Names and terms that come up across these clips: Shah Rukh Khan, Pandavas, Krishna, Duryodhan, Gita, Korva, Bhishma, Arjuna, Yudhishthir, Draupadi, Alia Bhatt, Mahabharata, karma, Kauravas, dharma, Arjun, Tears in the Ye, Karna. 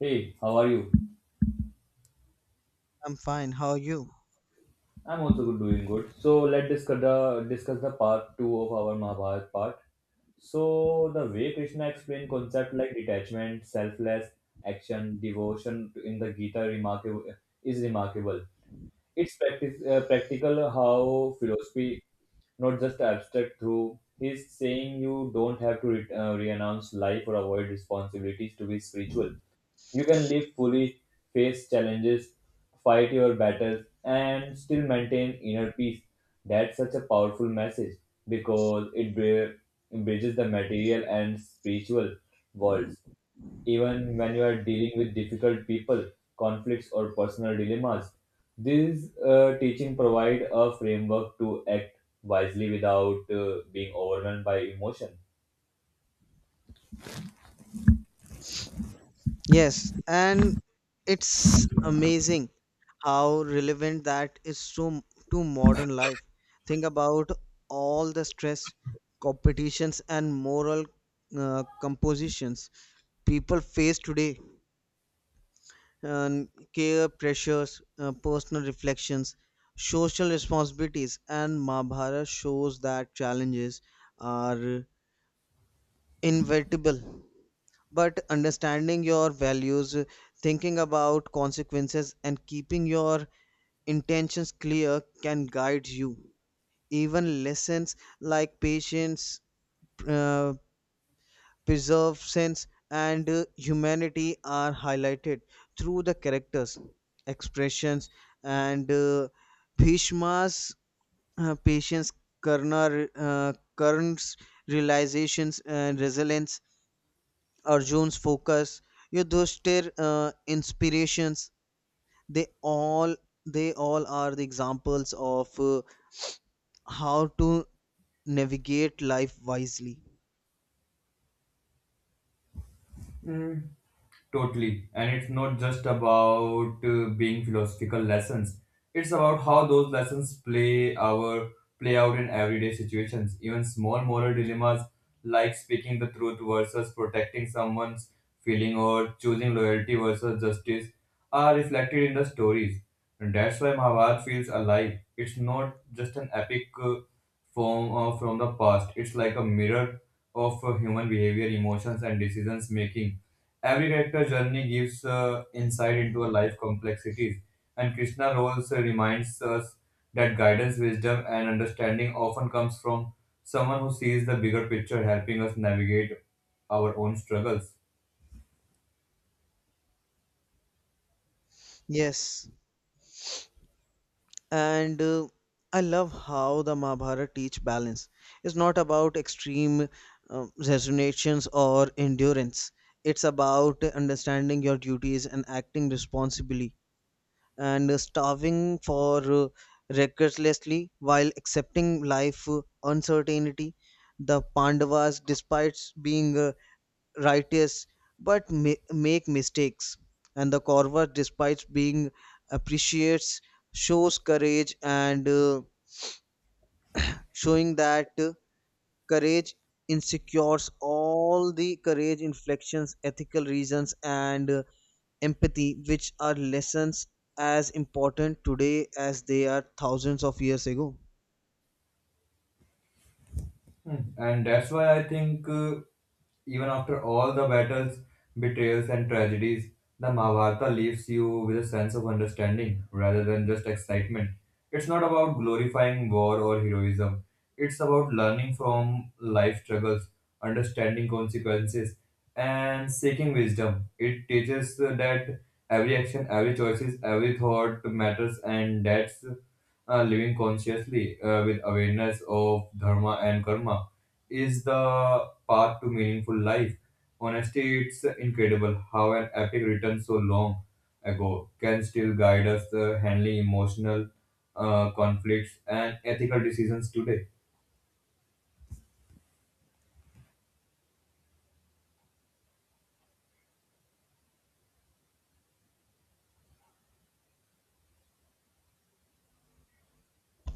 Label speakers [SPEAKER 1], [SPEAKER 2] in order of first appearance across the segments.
[SPEAKER 1] Hey, how are you?
[SPEAKER 2] I'm fine. How are you?
[SPEAKER 1] I'm also good, doing good. So let's discuss the part two of our Mahabharat part. So the way Krishna explained concepts like detachment, selfless action, devotion in the Gita remarkable is remarkable. It's practical how philosophy, not just abstract, through. He's saying you don't have to renounce life or avoid responsibilities to be spiritual. You can live fully, face challenges, fight your battles, and still maintain inner peace. That's such a powerful message because it bridges the material and spiritual worlds even when you are dealing with difficult people, conflicts, or personal dilemmas. These teaching provide a framework to act wisely without being overwhelmed by emotion.
[SPEAKER 2] Yes, and it's amazing how relevant that is to modern life. Think about all the stress, competitions, and moral compositions people face today. And care pressures, personal reflections, social responsibilities, and Mahabharata shows that challenges are inevitable but understanding your values, thinking about consequences, and keeping your intentions clear can guide you. Even lessons like patience, uh, perseverance, and humanity are highlighted through the characters, expressions, and Bhishma's patience, Karna's realizations and resilience, Arjun's focus, Yudhishthir inspirations. They all they all are the examples of how to navigate life wisely.
[SPEAKER 1] Mhm. Totally. And it's not just about being philosophical lessons. It's about how those lessons play our play out in everyday situations. Even small moral dilemmas like speaking the truth versus protecting someone's feeling or choosing loyalty versus justice are reflected in the stories. And that's why Mahabharata feels alive. It's not just an epic. From the past. It's like a mirror of human behavior, emotions, and decisions making. Every character journey gives insight into a life complexities, and Krishna roles reminds us that guidance, wisdom, and understanding often comes from someone who sees the bigger picture, helping us navigate our own struggles.
[SPEAKER 2] Yes, and I love how the Mahabharata teach balance. It's not about extreme resignations or endurance. It's about understanding your duties and acting responsibly and starving for recklessly while accepting life uncertainty. The Pandavas, despite being righteous, but make mistakes, and the Kauravas, despite being appreciates, shows courage and showing that courage insecures all the courage inflections ethical reasons and empathy, which are lessons as important today as they are thousands of years ago.
[SPEAKER 1] Mm. And that's why I think, even after all the battles, betrayals, and tragedies, the Mahabharata leaves you with a sense of understanding rather than just excitement. It's not about glorifying war or heroism, it's about learning from life struggles, understanding consequences, and seeking wisdom. It teaches that every action, every choice, every thought matters, and that's living consciously with awareness of dharma and karma is the path to meaningful life. Honestly, it's incredible how an epic written so long ago can still guide us handling emotional conflicts and ethical decisions today.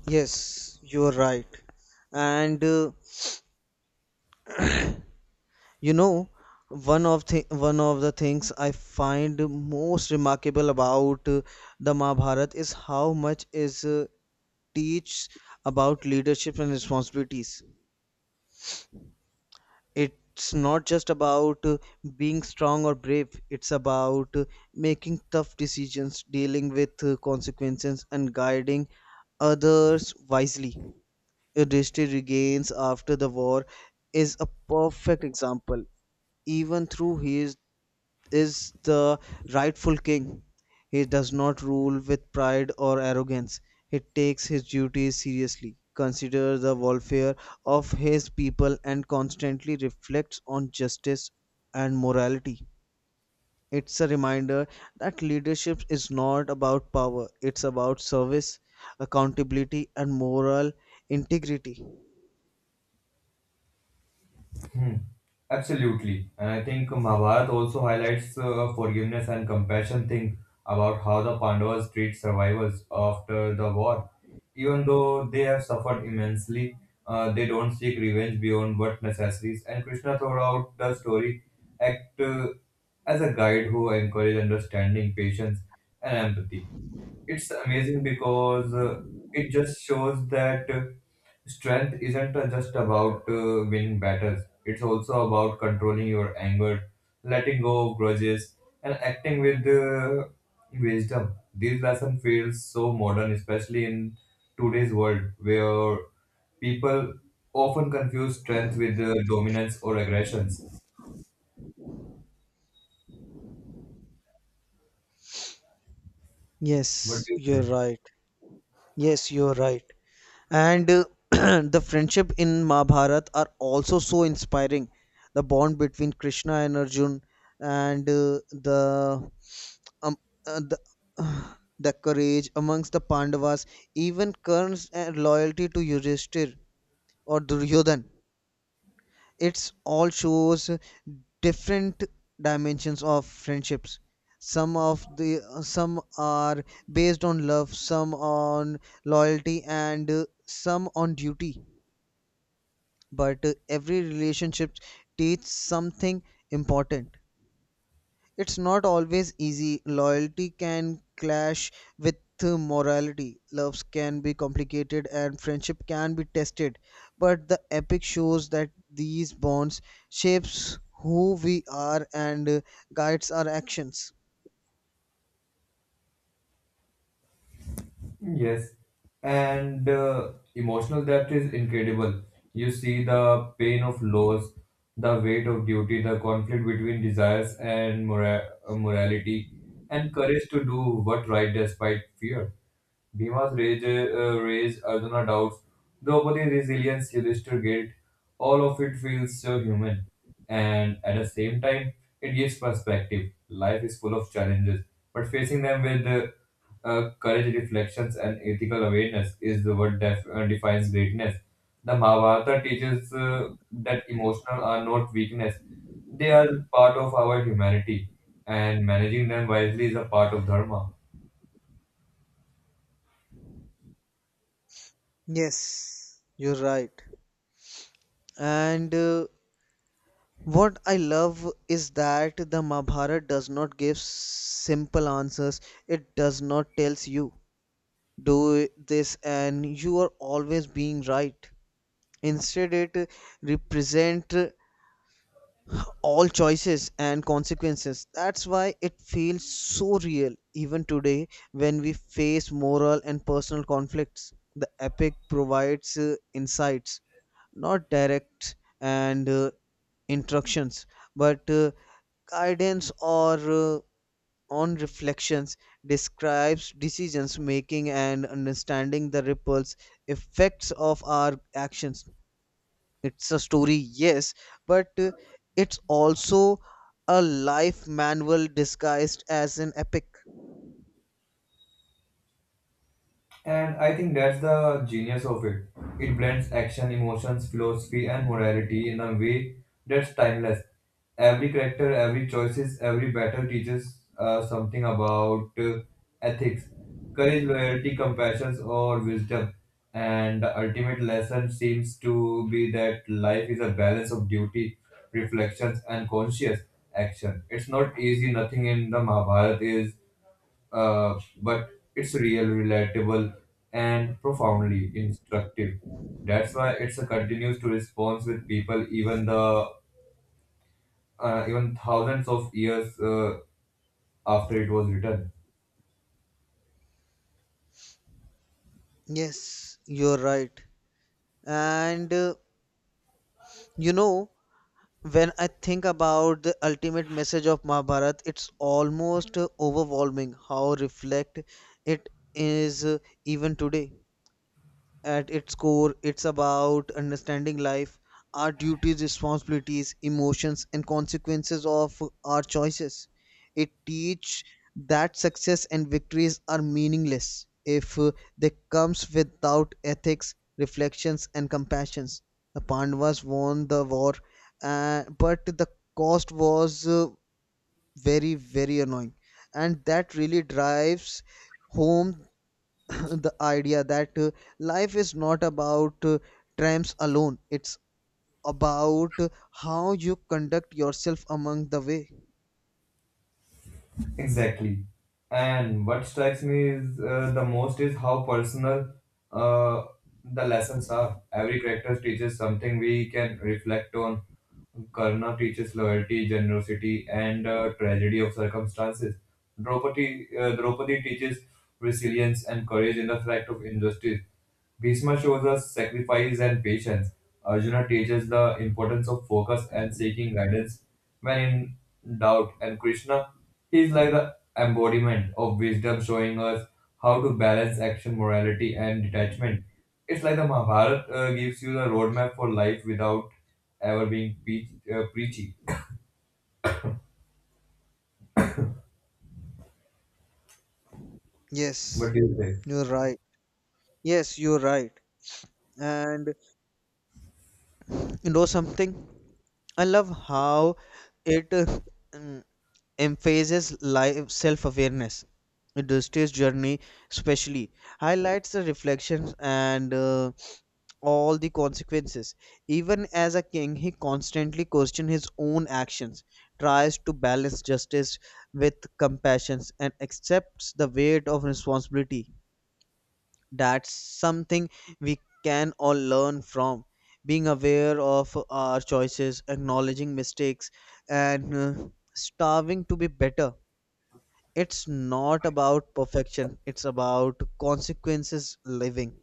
[SPEAKER 2] Yes, you are right. And you know, one of the things I find most remarkable about the Mahabharata is how much is teach about leadership and responsibilities. It's not just about being strong or brave. It's about making tough decisions, dealing with consequences and guiding others wisely. Yudhishthir regains after the war is a perfect example even through his is the rightful king. He does not rule with pride or arrogance. He takes his duties seriously, considers the welfare of his people, and constantly reflects on justice and morality. It's a reminder that leadership is not about power, it's about service, accountability, and moral integrity.
[SPEAKER 1] Hmm. Absolutely. And I think Mahabharata also highlights forgiveness and compassion thing about how the Pandavas treat survivors after the war. Even though they have suffered immensely, they don't seek revenge beyond what necessities. And Krishna throughout the story act as a guide who encourages understanding, patience, and empathy. It's amazing because it just shows that strength isn't just about winning battles. It's also about controlling your anger, letting go of grudges, and acting with wisdom. This lesson feels so modern, especially in today's world where people often confuse strength with dominance or aggressions. What
[SPEAKER 2] Yes,
[SPEAKER 1] do you
[SPEAKER 2] you're
[SPEAKER 1] think?
[SPEAKER 2] right. Yes, you're right. And the friendship in Mahabharata are also so inspiring. The bond between Krishna and Arjun, and um, the the courage amongst the Pandavas, even Karna's loyalty to Yudhishthir or Duryodhan. It's all shows different dimensions of friendships. Some of the some are based on love, some on loyalty, and some on duty, but every relationship teaches something important. It's not always easy. Loyalty can clash with morality. Loves can be complicated and friendship can be tested. But the epic shows that these bonds shapes who we are and guides our actions.
[SPEAKER 1] Yes, and emotional depth is incredible. You see the pain of loss, the weight of duty, the conflict between desires and morality, and courage to do what right despite fear. Rage, Arjuna doubts, Draupadi's resilience, Yudhishthir guilt, all of it feels so human. And at the same time, it gives perspective. Life is full of challenges, but facing them with courage, reflections, and ethical awareness is what defines greatness. The Mahabharata teaches that emotional are not weakness, they are part of our humanity, and managing them wisely is a part of Dharma.
[SPEAKER 2] Yes, you're right. And what I love is that the Mahabharata does not give simple answers. It does not tells you do this and you are always being right. Instead, it represent all choices and consequences. That's why it feels so real even today when we face moral and personal conflicts. The epic provides insights, not direct and instructions, but guidance or on reflections describes decisions making and understanding the ripples effects of our actions. It's a story, yes, but it's also a life manual disguised as an epic.
[SPEAKER 1] And I think that's the genius of it. It blends action, emotions, philosophy, and morality in a way that's timeless. Every character, every choices, every battle teaches something about ethics, courage, loyalty, compassion, or wisdom. And the ultimate lesson seems to be that life is a balance of duty, reflections, and conscious action. It's not easy. Nothing in the Mahabharata is but it's real, relatable, and profoundly instructive. That's why it's a continues to response with people even thousands of years after it was written.
[SPEAKER 2] Yes, you're right. And you know, when I think about the ultimate message of Mahabharata, it's almost overwhelming how reflect it is even today. At its core, it's about understanding life, our duties, responsibilities, emotions, and consequences of our choices. It teaches that success and victories are meaningless if they comes without ethics, reflections, and compassions. The Pandavas won the war, but the cost was very, very annoying, and that really drives home the idea that life is not about tramps alone. It's about how you conduct yourself among the way.
[SPEAKER 1] Exactly. And what strikes me is the most is how personal uh, the lessons are. Every character teaches something we can reflect on. Karna teaches loyalty, generosity, and tragedy of circumstances. Draupadi teaches resilience and courage in the fight of injustice. Bhishma shows us sacrifice and patience. Arjuna teaches the importance of focus and seeking guidance when in doubt. And Krishna is like the embodiment of wisdom, showing us how to balance action, morality, and detachment. It's like the Mahabharata gives you the roadmap for life without ever being preachy.
[SPEAKER 2] Yes,
[SPEAKER 1] What do you think?
[SPEAKER 2] you're right. Yes, you're right. And you know something, I love how it mm, emphasizes life self-awareness. The stage journey especially highlights the reflections and all the consequences. Even as a king, he constantly questions his own actions, tries to balance justice with compassion, and accepts the weight of responsibility. That's something we can all learn from. Being aware of our choices, acknowledging mistakes, and starving to be better. It's not about perfection, it's about consequences living.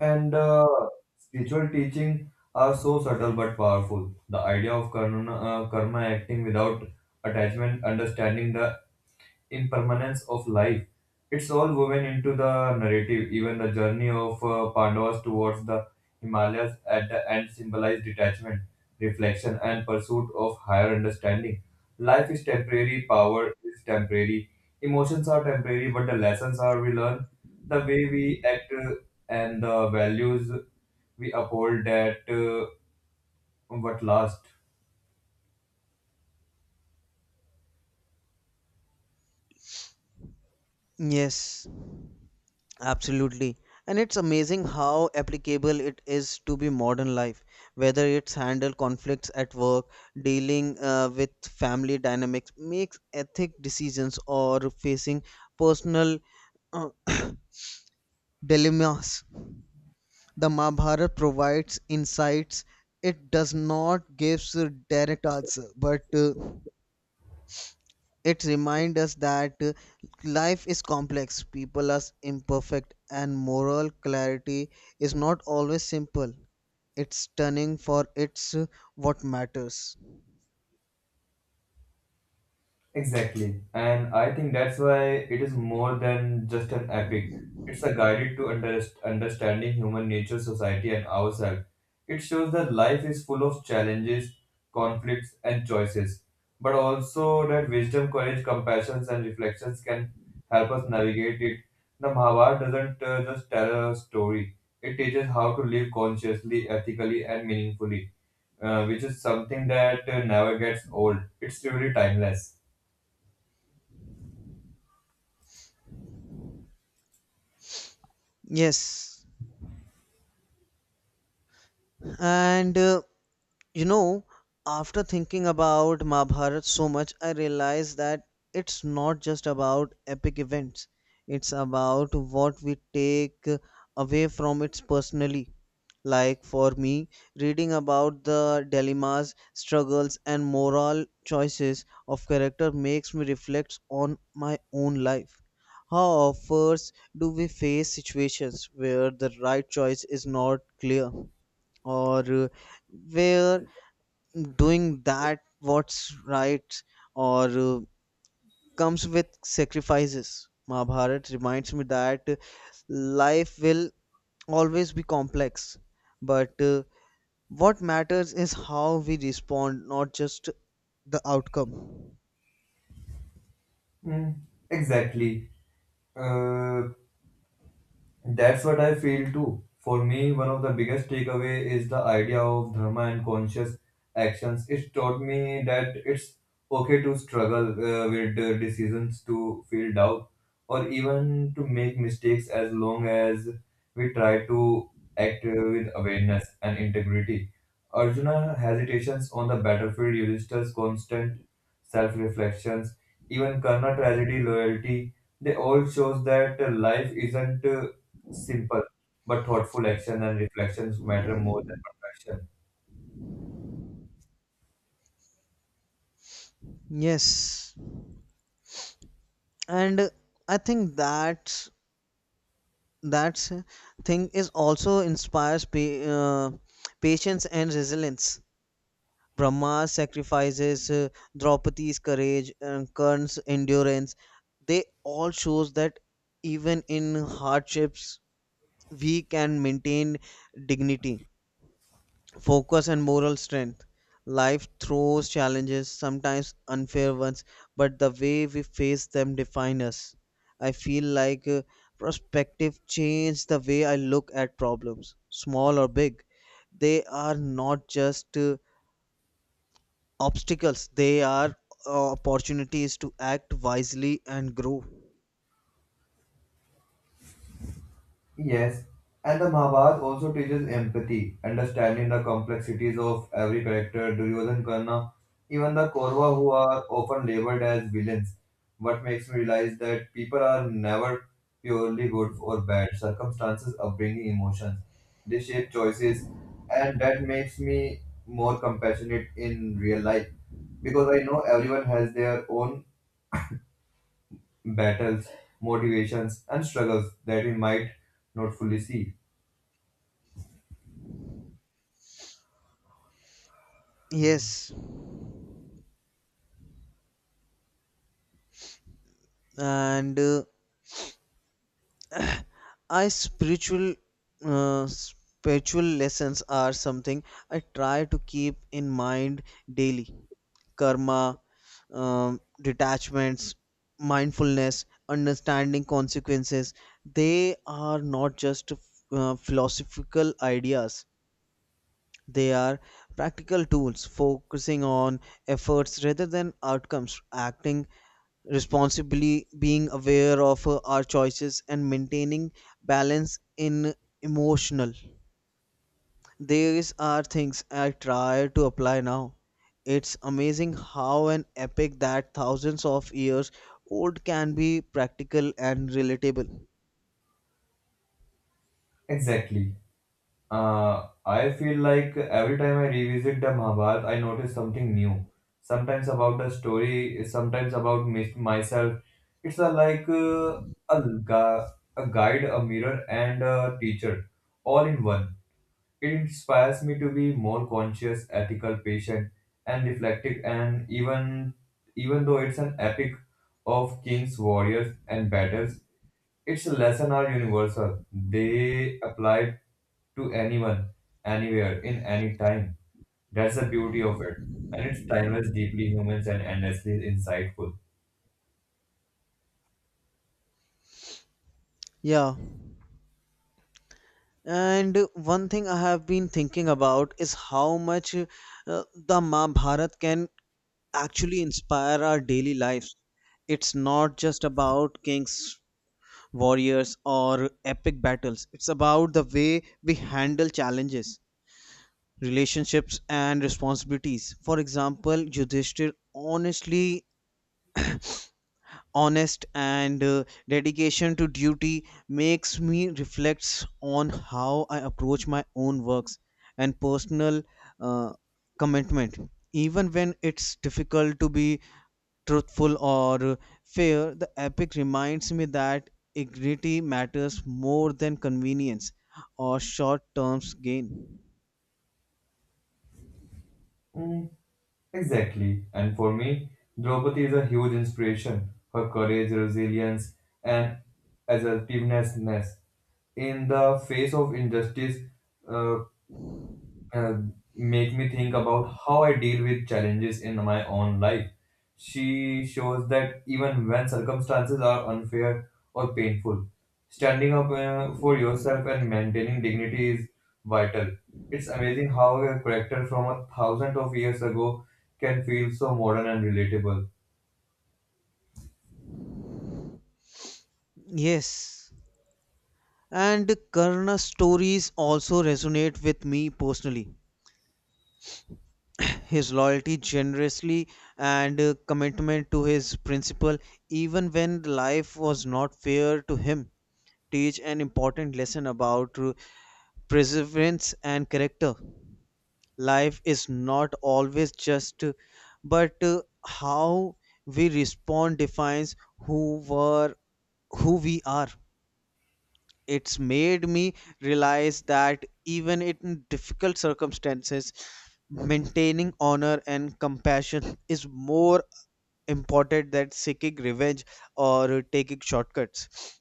[SPEAKER 1] And spiritual teaching are so subtle but powerful. The idea of karma acting without attachment, understanding the impermanence of life. It's all woven into the narrative. Even the journey of Pandavas towards the Himalayas at the end symbolized detachment, reflection, and pursuit of higher understanding. Life is temporary, power is temporary, emotions are temporary, but the lessons are we learn, the way we act, and the values we uphold that what last.
[SPEAKER 2] Yes, absolutely. And it's amazing how applicable it is to be modern life, whether it's handle conflicts at work, dealing with family dynamics, makes ethic decisions or facing personal uh, dilemmas. The Mahabharata provides insights. It does not gives a direct answer, but it reminds us that life is complex, people are imperfect, and moral clarity is not always simple. It's turning for it's what matters.
[SPEAKER 1] Exactly. And I think that's why it is more than just an epic. It's a guide to understanding human nature, society, and ourselves. It shows that life is full of challenges, conflicts, and choices, but also that wisdom, courage, compassion, and reflections can help us navigate it. The Mahabharata doesn't just tell a story, it teaches how to live consciously, ethically, and meaningfully, which is something that never gets old. It's truly timeless.
[SPEAKER 2] Yes, and you know, after thinking about Mahabharat so much, I realized that it's not just about epic events, it's about what we take away from it personally. Like for me, reading about the dilemmas, struggles, and moral choices of character makes me reflect on my own life. How often do we face situations where the right choice is not clear, or where doing that what's right or comes with sacrifices. Mahabharat reminds me that life will always be complex, but what matters is how we respond, not just the outcome.
[SPEAKER 1] Mm, exactly. Uh, that's what I feel too. For me, one of the biggest takeaway is the idea of dharma and conscious actions. It taught me that it's okay to struggle with decisions, to feel doubt, or even to make mistakes as long as we try to act with awareness and integrity. Arjuna's hesitations on the battlefield, Yudhishthira's constant self-reflections, even Karna's tragedy, loyalty, they all shows that life isn't simple but thoughtful action and reflections matter more than perfection.
[SPEAKER 2] Yes, and I think that that thing is also inspires patience and resilience. Brahma's sacrifices, Draupadi's courage, and Karna's endurance, they all shows that even in hardships we can maintain dignity, focus and moral strength. Life throws challenges, sometimes unfair ones, but the way we face them define us. I feel like perspective change the way I look at problems, small or big. They are not just obstacles, they are opportunities to act wisely and grow.
[SPEAKER 1] Yes, and the Mahabharata also teaches empathy, understanding the complexities of every character, Duryodhan, Karna, even the Korva who are often labeled as villains. What makes me realize that people are never purely good or bad. Circumstances, upbringing, emotions, they shape choices, and that makes me more compassionate in real life because I know everyone has their own battles, motivations, and struggles that we might not fully see.
[SPEAKER 2] Yes, and I spiritual spiritual lessons are something I try to keep in mind daily. Karma, um, detachments, mindfulness, understanding consequences, they are not just philosophical ideas. They are practical tools, focusing on efforts rather than outcomes, acting responsibly, being aware of our choices, and maintaining balance in emotional. These are things I try to apply now. It's amazing how an epic that thousands of years old can be practical and relatable.
[SPEAKER 1] Exactly. I feel like every time I revisit the Mahabharata, I notice something new. Sometimes about the story, sometimes about myself. It's like a, gu- a guide, a mirror, and a teacher, all in one. It inspires me to be more conscious, ethical, patient, and reflective. And even though it's an epic of kings, warriors, and battles, its lessons are universal. They apply to anyone, anywhere, in any time. That's the beauty of it, and it's timeless, deeply human, and endlessly insightful.
[SPEAKER 2] Yeah, and one thing I have been thinking about is how much the Mahabharata can actually inspire our daily lives. It's not just about kings, warriors, or epic battles, it's about the way we handle challenges, relationships, and responsibilities. For example, Yudhishthir honestly honest and dedication to duty makes me reflects on how I approach my own works and personal uh, commitment. Even when it's difficult to be truthful or fair, the epic reminds me that integrity matters more than convenience or short term gain.
[SPEAKER 1] Mm, exactly. And for me, Draupadi is a huge inspiration. Her courage, resilience, and assertiveness in the face of injustice uh, uh, make me think about how I deal with challenges in my own life. She shows that even when circumstances are unfair or painful, standing up for yourself and maintaining dignity is vital. It's amazing how a character from a thousand of years ago can feel so modern and relatable.
[SPEAKER 2] Yes, and Karna's stories also resonate with me personally. His loyalty generously and commitment to his principle, even when life was not fair to him, teach an important lesson about perseverance and character. Life is not always just, but how we respond defines who were who we are. It's made me realize that even in difficult circumstances, maintaining honor and compassion is more important than seeking revenge or taking shortcuts.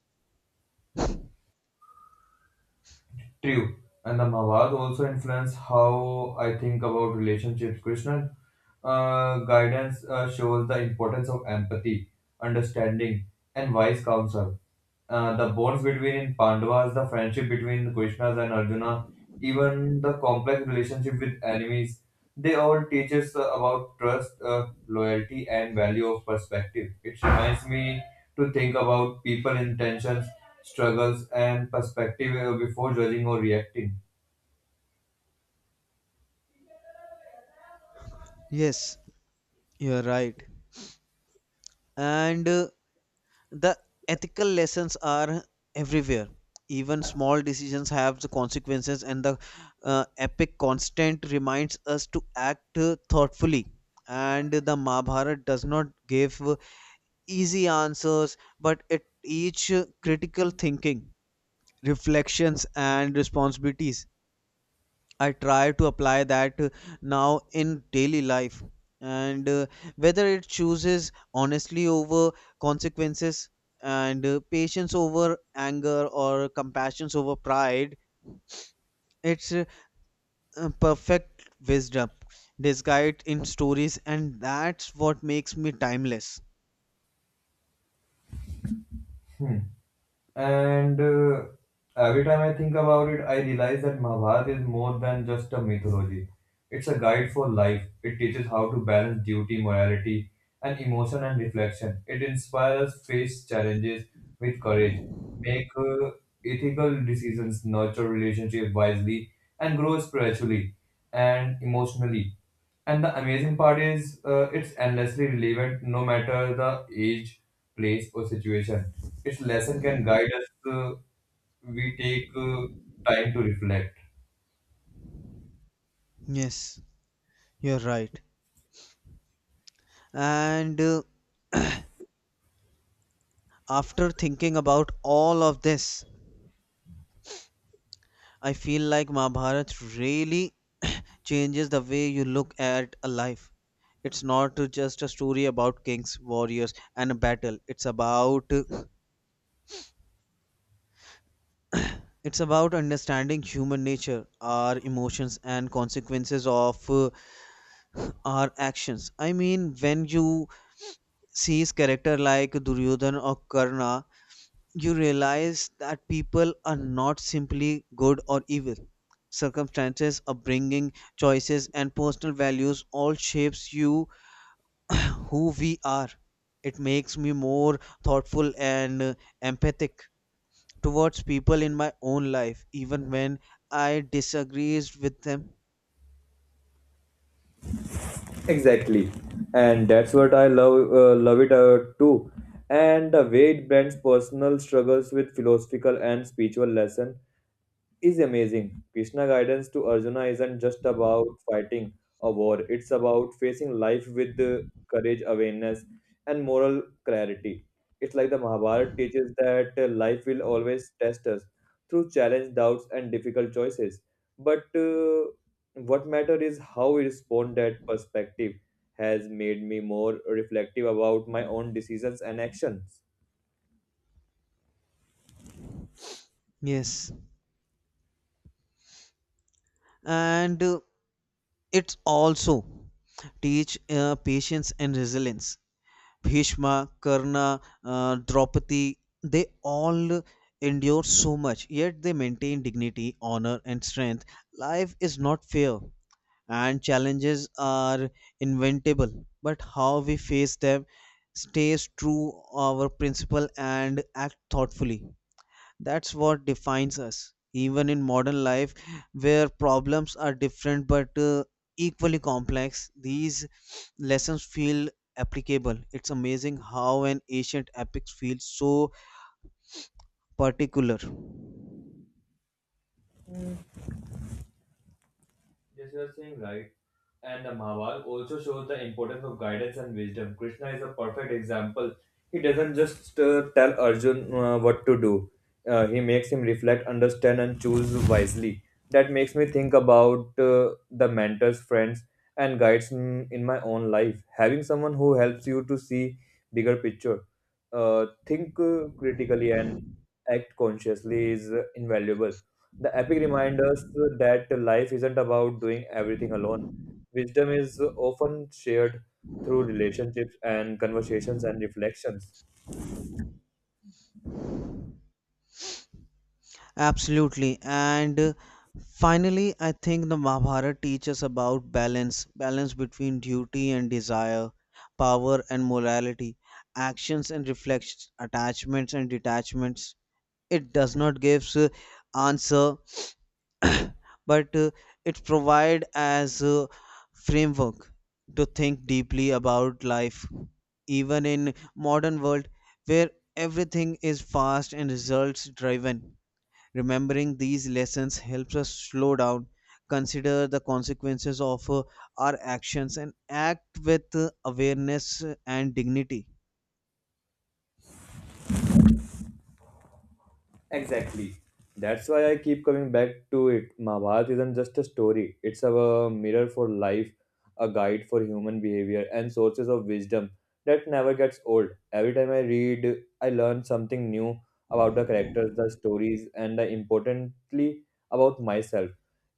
[SPEAKER 1] True. And the Mawad also influence how I think about relationships. Krishnan guidance shows the importance of empathy, understanding, and wise counsel. The bonds between Pandavas, the friendship between Krishnas and Arjuna, even the complex relationship with enemies. They all teach us about trust, loyalty, and value of perspective. It reminds me to think about people intentions, struggles, and perspective before judging or reacting.
[SPEAKER 2] Yes, you're right. And the ethical lessons are everywhere. Even small decisions have the consequences, and the epic constant reminds us to act thoughtfully. And the Mahabharata does not give easy answers, but it teach critical thinking, reflections and responsibilities. I try to apply that now in daily life. And whether it chooses honestly over consequences and patience over anger or compassion over pride, it's a perfect wisdom disguised in stories, and that's what makes me timeless.
[SPEAKER 1] Hmm. And every time I think about it, I realize that Mahabharata is more than just a mythology. It's a guide for life. It teaches how to balance duty, morality, and emotion and reflection. It inspires us face challenges with courage, make ethical decisions, nurture relationships wisely, and grow spiritually and emotionally. And the amazing part is, it's endlessly relevant no matter the age, place, or situation. Its lesson can guide us. Uh, we take time to reflect.
[SPEAKER 2] Yes, you're right. And after thinking about all of this, I feel like Mahabharat really changes the way you look at a life. It's not just a story about kings, warriors, and a battle. It's about it's about understanding human nature, our emotions, and consequences of our actions. I mean, when you see character like Duryodhan or Karna, you realize that people are not simply good or evil. Circumstances, upbringing, choices, and personal values all shapes you who we are. It makes me more thoughtful and empathic towards people in my own life, even when I disagrees with them.
[SPEAKER 1] Exactly, and that's what I love it too. And the way it blends personal struggles with philosophical and spiritual lesson is amazing. Krishna guidance to Arjuna isn't just about fighting a war, it's about facing life with courage, awareness, and moral clarity. It's like the Mahabharata teaches that life will always test us through challenge, doubts, and difficult choices. But what matters is how we respond that perspective has made me more reflective about my own decisions and actions.
[SPEAKER 2] Yes, and it's also teach patience and resilience. Bhishma, Karna, Draupadi, they all endure so much, yet they maintain dignity, honor, and strength. Life is not fair, and challenges are inventable, but how we face them stays true our principle and act thoughtfully. That's what defines us. Even in modern life where problems are different but equally complex, these lessons feel applicable. It's amazing how an ancient epic feels so particular.
[SPEAKER 1] Yes, you are saying right. And the Mahabharata also shows the importance of guidance and wisdom. Krishna is a perfect example. He doesn't just tell Arjun what to do. He makes him reflect, understand, and choose wisely. That makes me think about the mentors, friends, and guides in my own life. Having someone who helps you to see bigger picture, think critically, and act consciously is invaluable. The epic reminds us that life isn't about doing everything alone. Wisdom is often shared through relationships and conversations and reflections.
[SPEAKER 2] Absolutely. And finally, I think the Mahabharata teaches about balance, balance between duty and desire, power and morality, actions and reflections, attachments and detachments. It does not give answer, but it provides as a framework to think deeply about life, even in modern world where everything is fast and results driven. Remembering these lessons helps us slow down, consider the consequences of our actions, and act with awareness and dignity.
[SPEAKER 1] Exactly. That's why I keep coming back to it. Mahabharata isn't just a story, it's a mirror for life, a guide for human behavior, and sources of wisdom that never gets old. Every time I read, I learn something new about the characters, the stories, and importantly, about myself.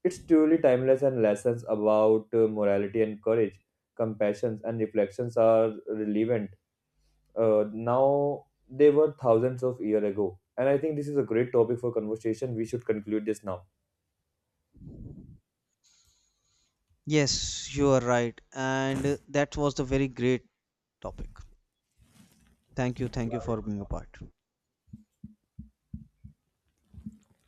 [SPEAKER 1] It's truly timeless, and lessons about morality and courage, compassion, and reflections are relevant now they were thousands of year ago and I think this is a great topic for conversation. We should conclude this now.
[SPEAKER 2] Yes, you are right. And that was the very great topic. Thank you. Thank you for being a part.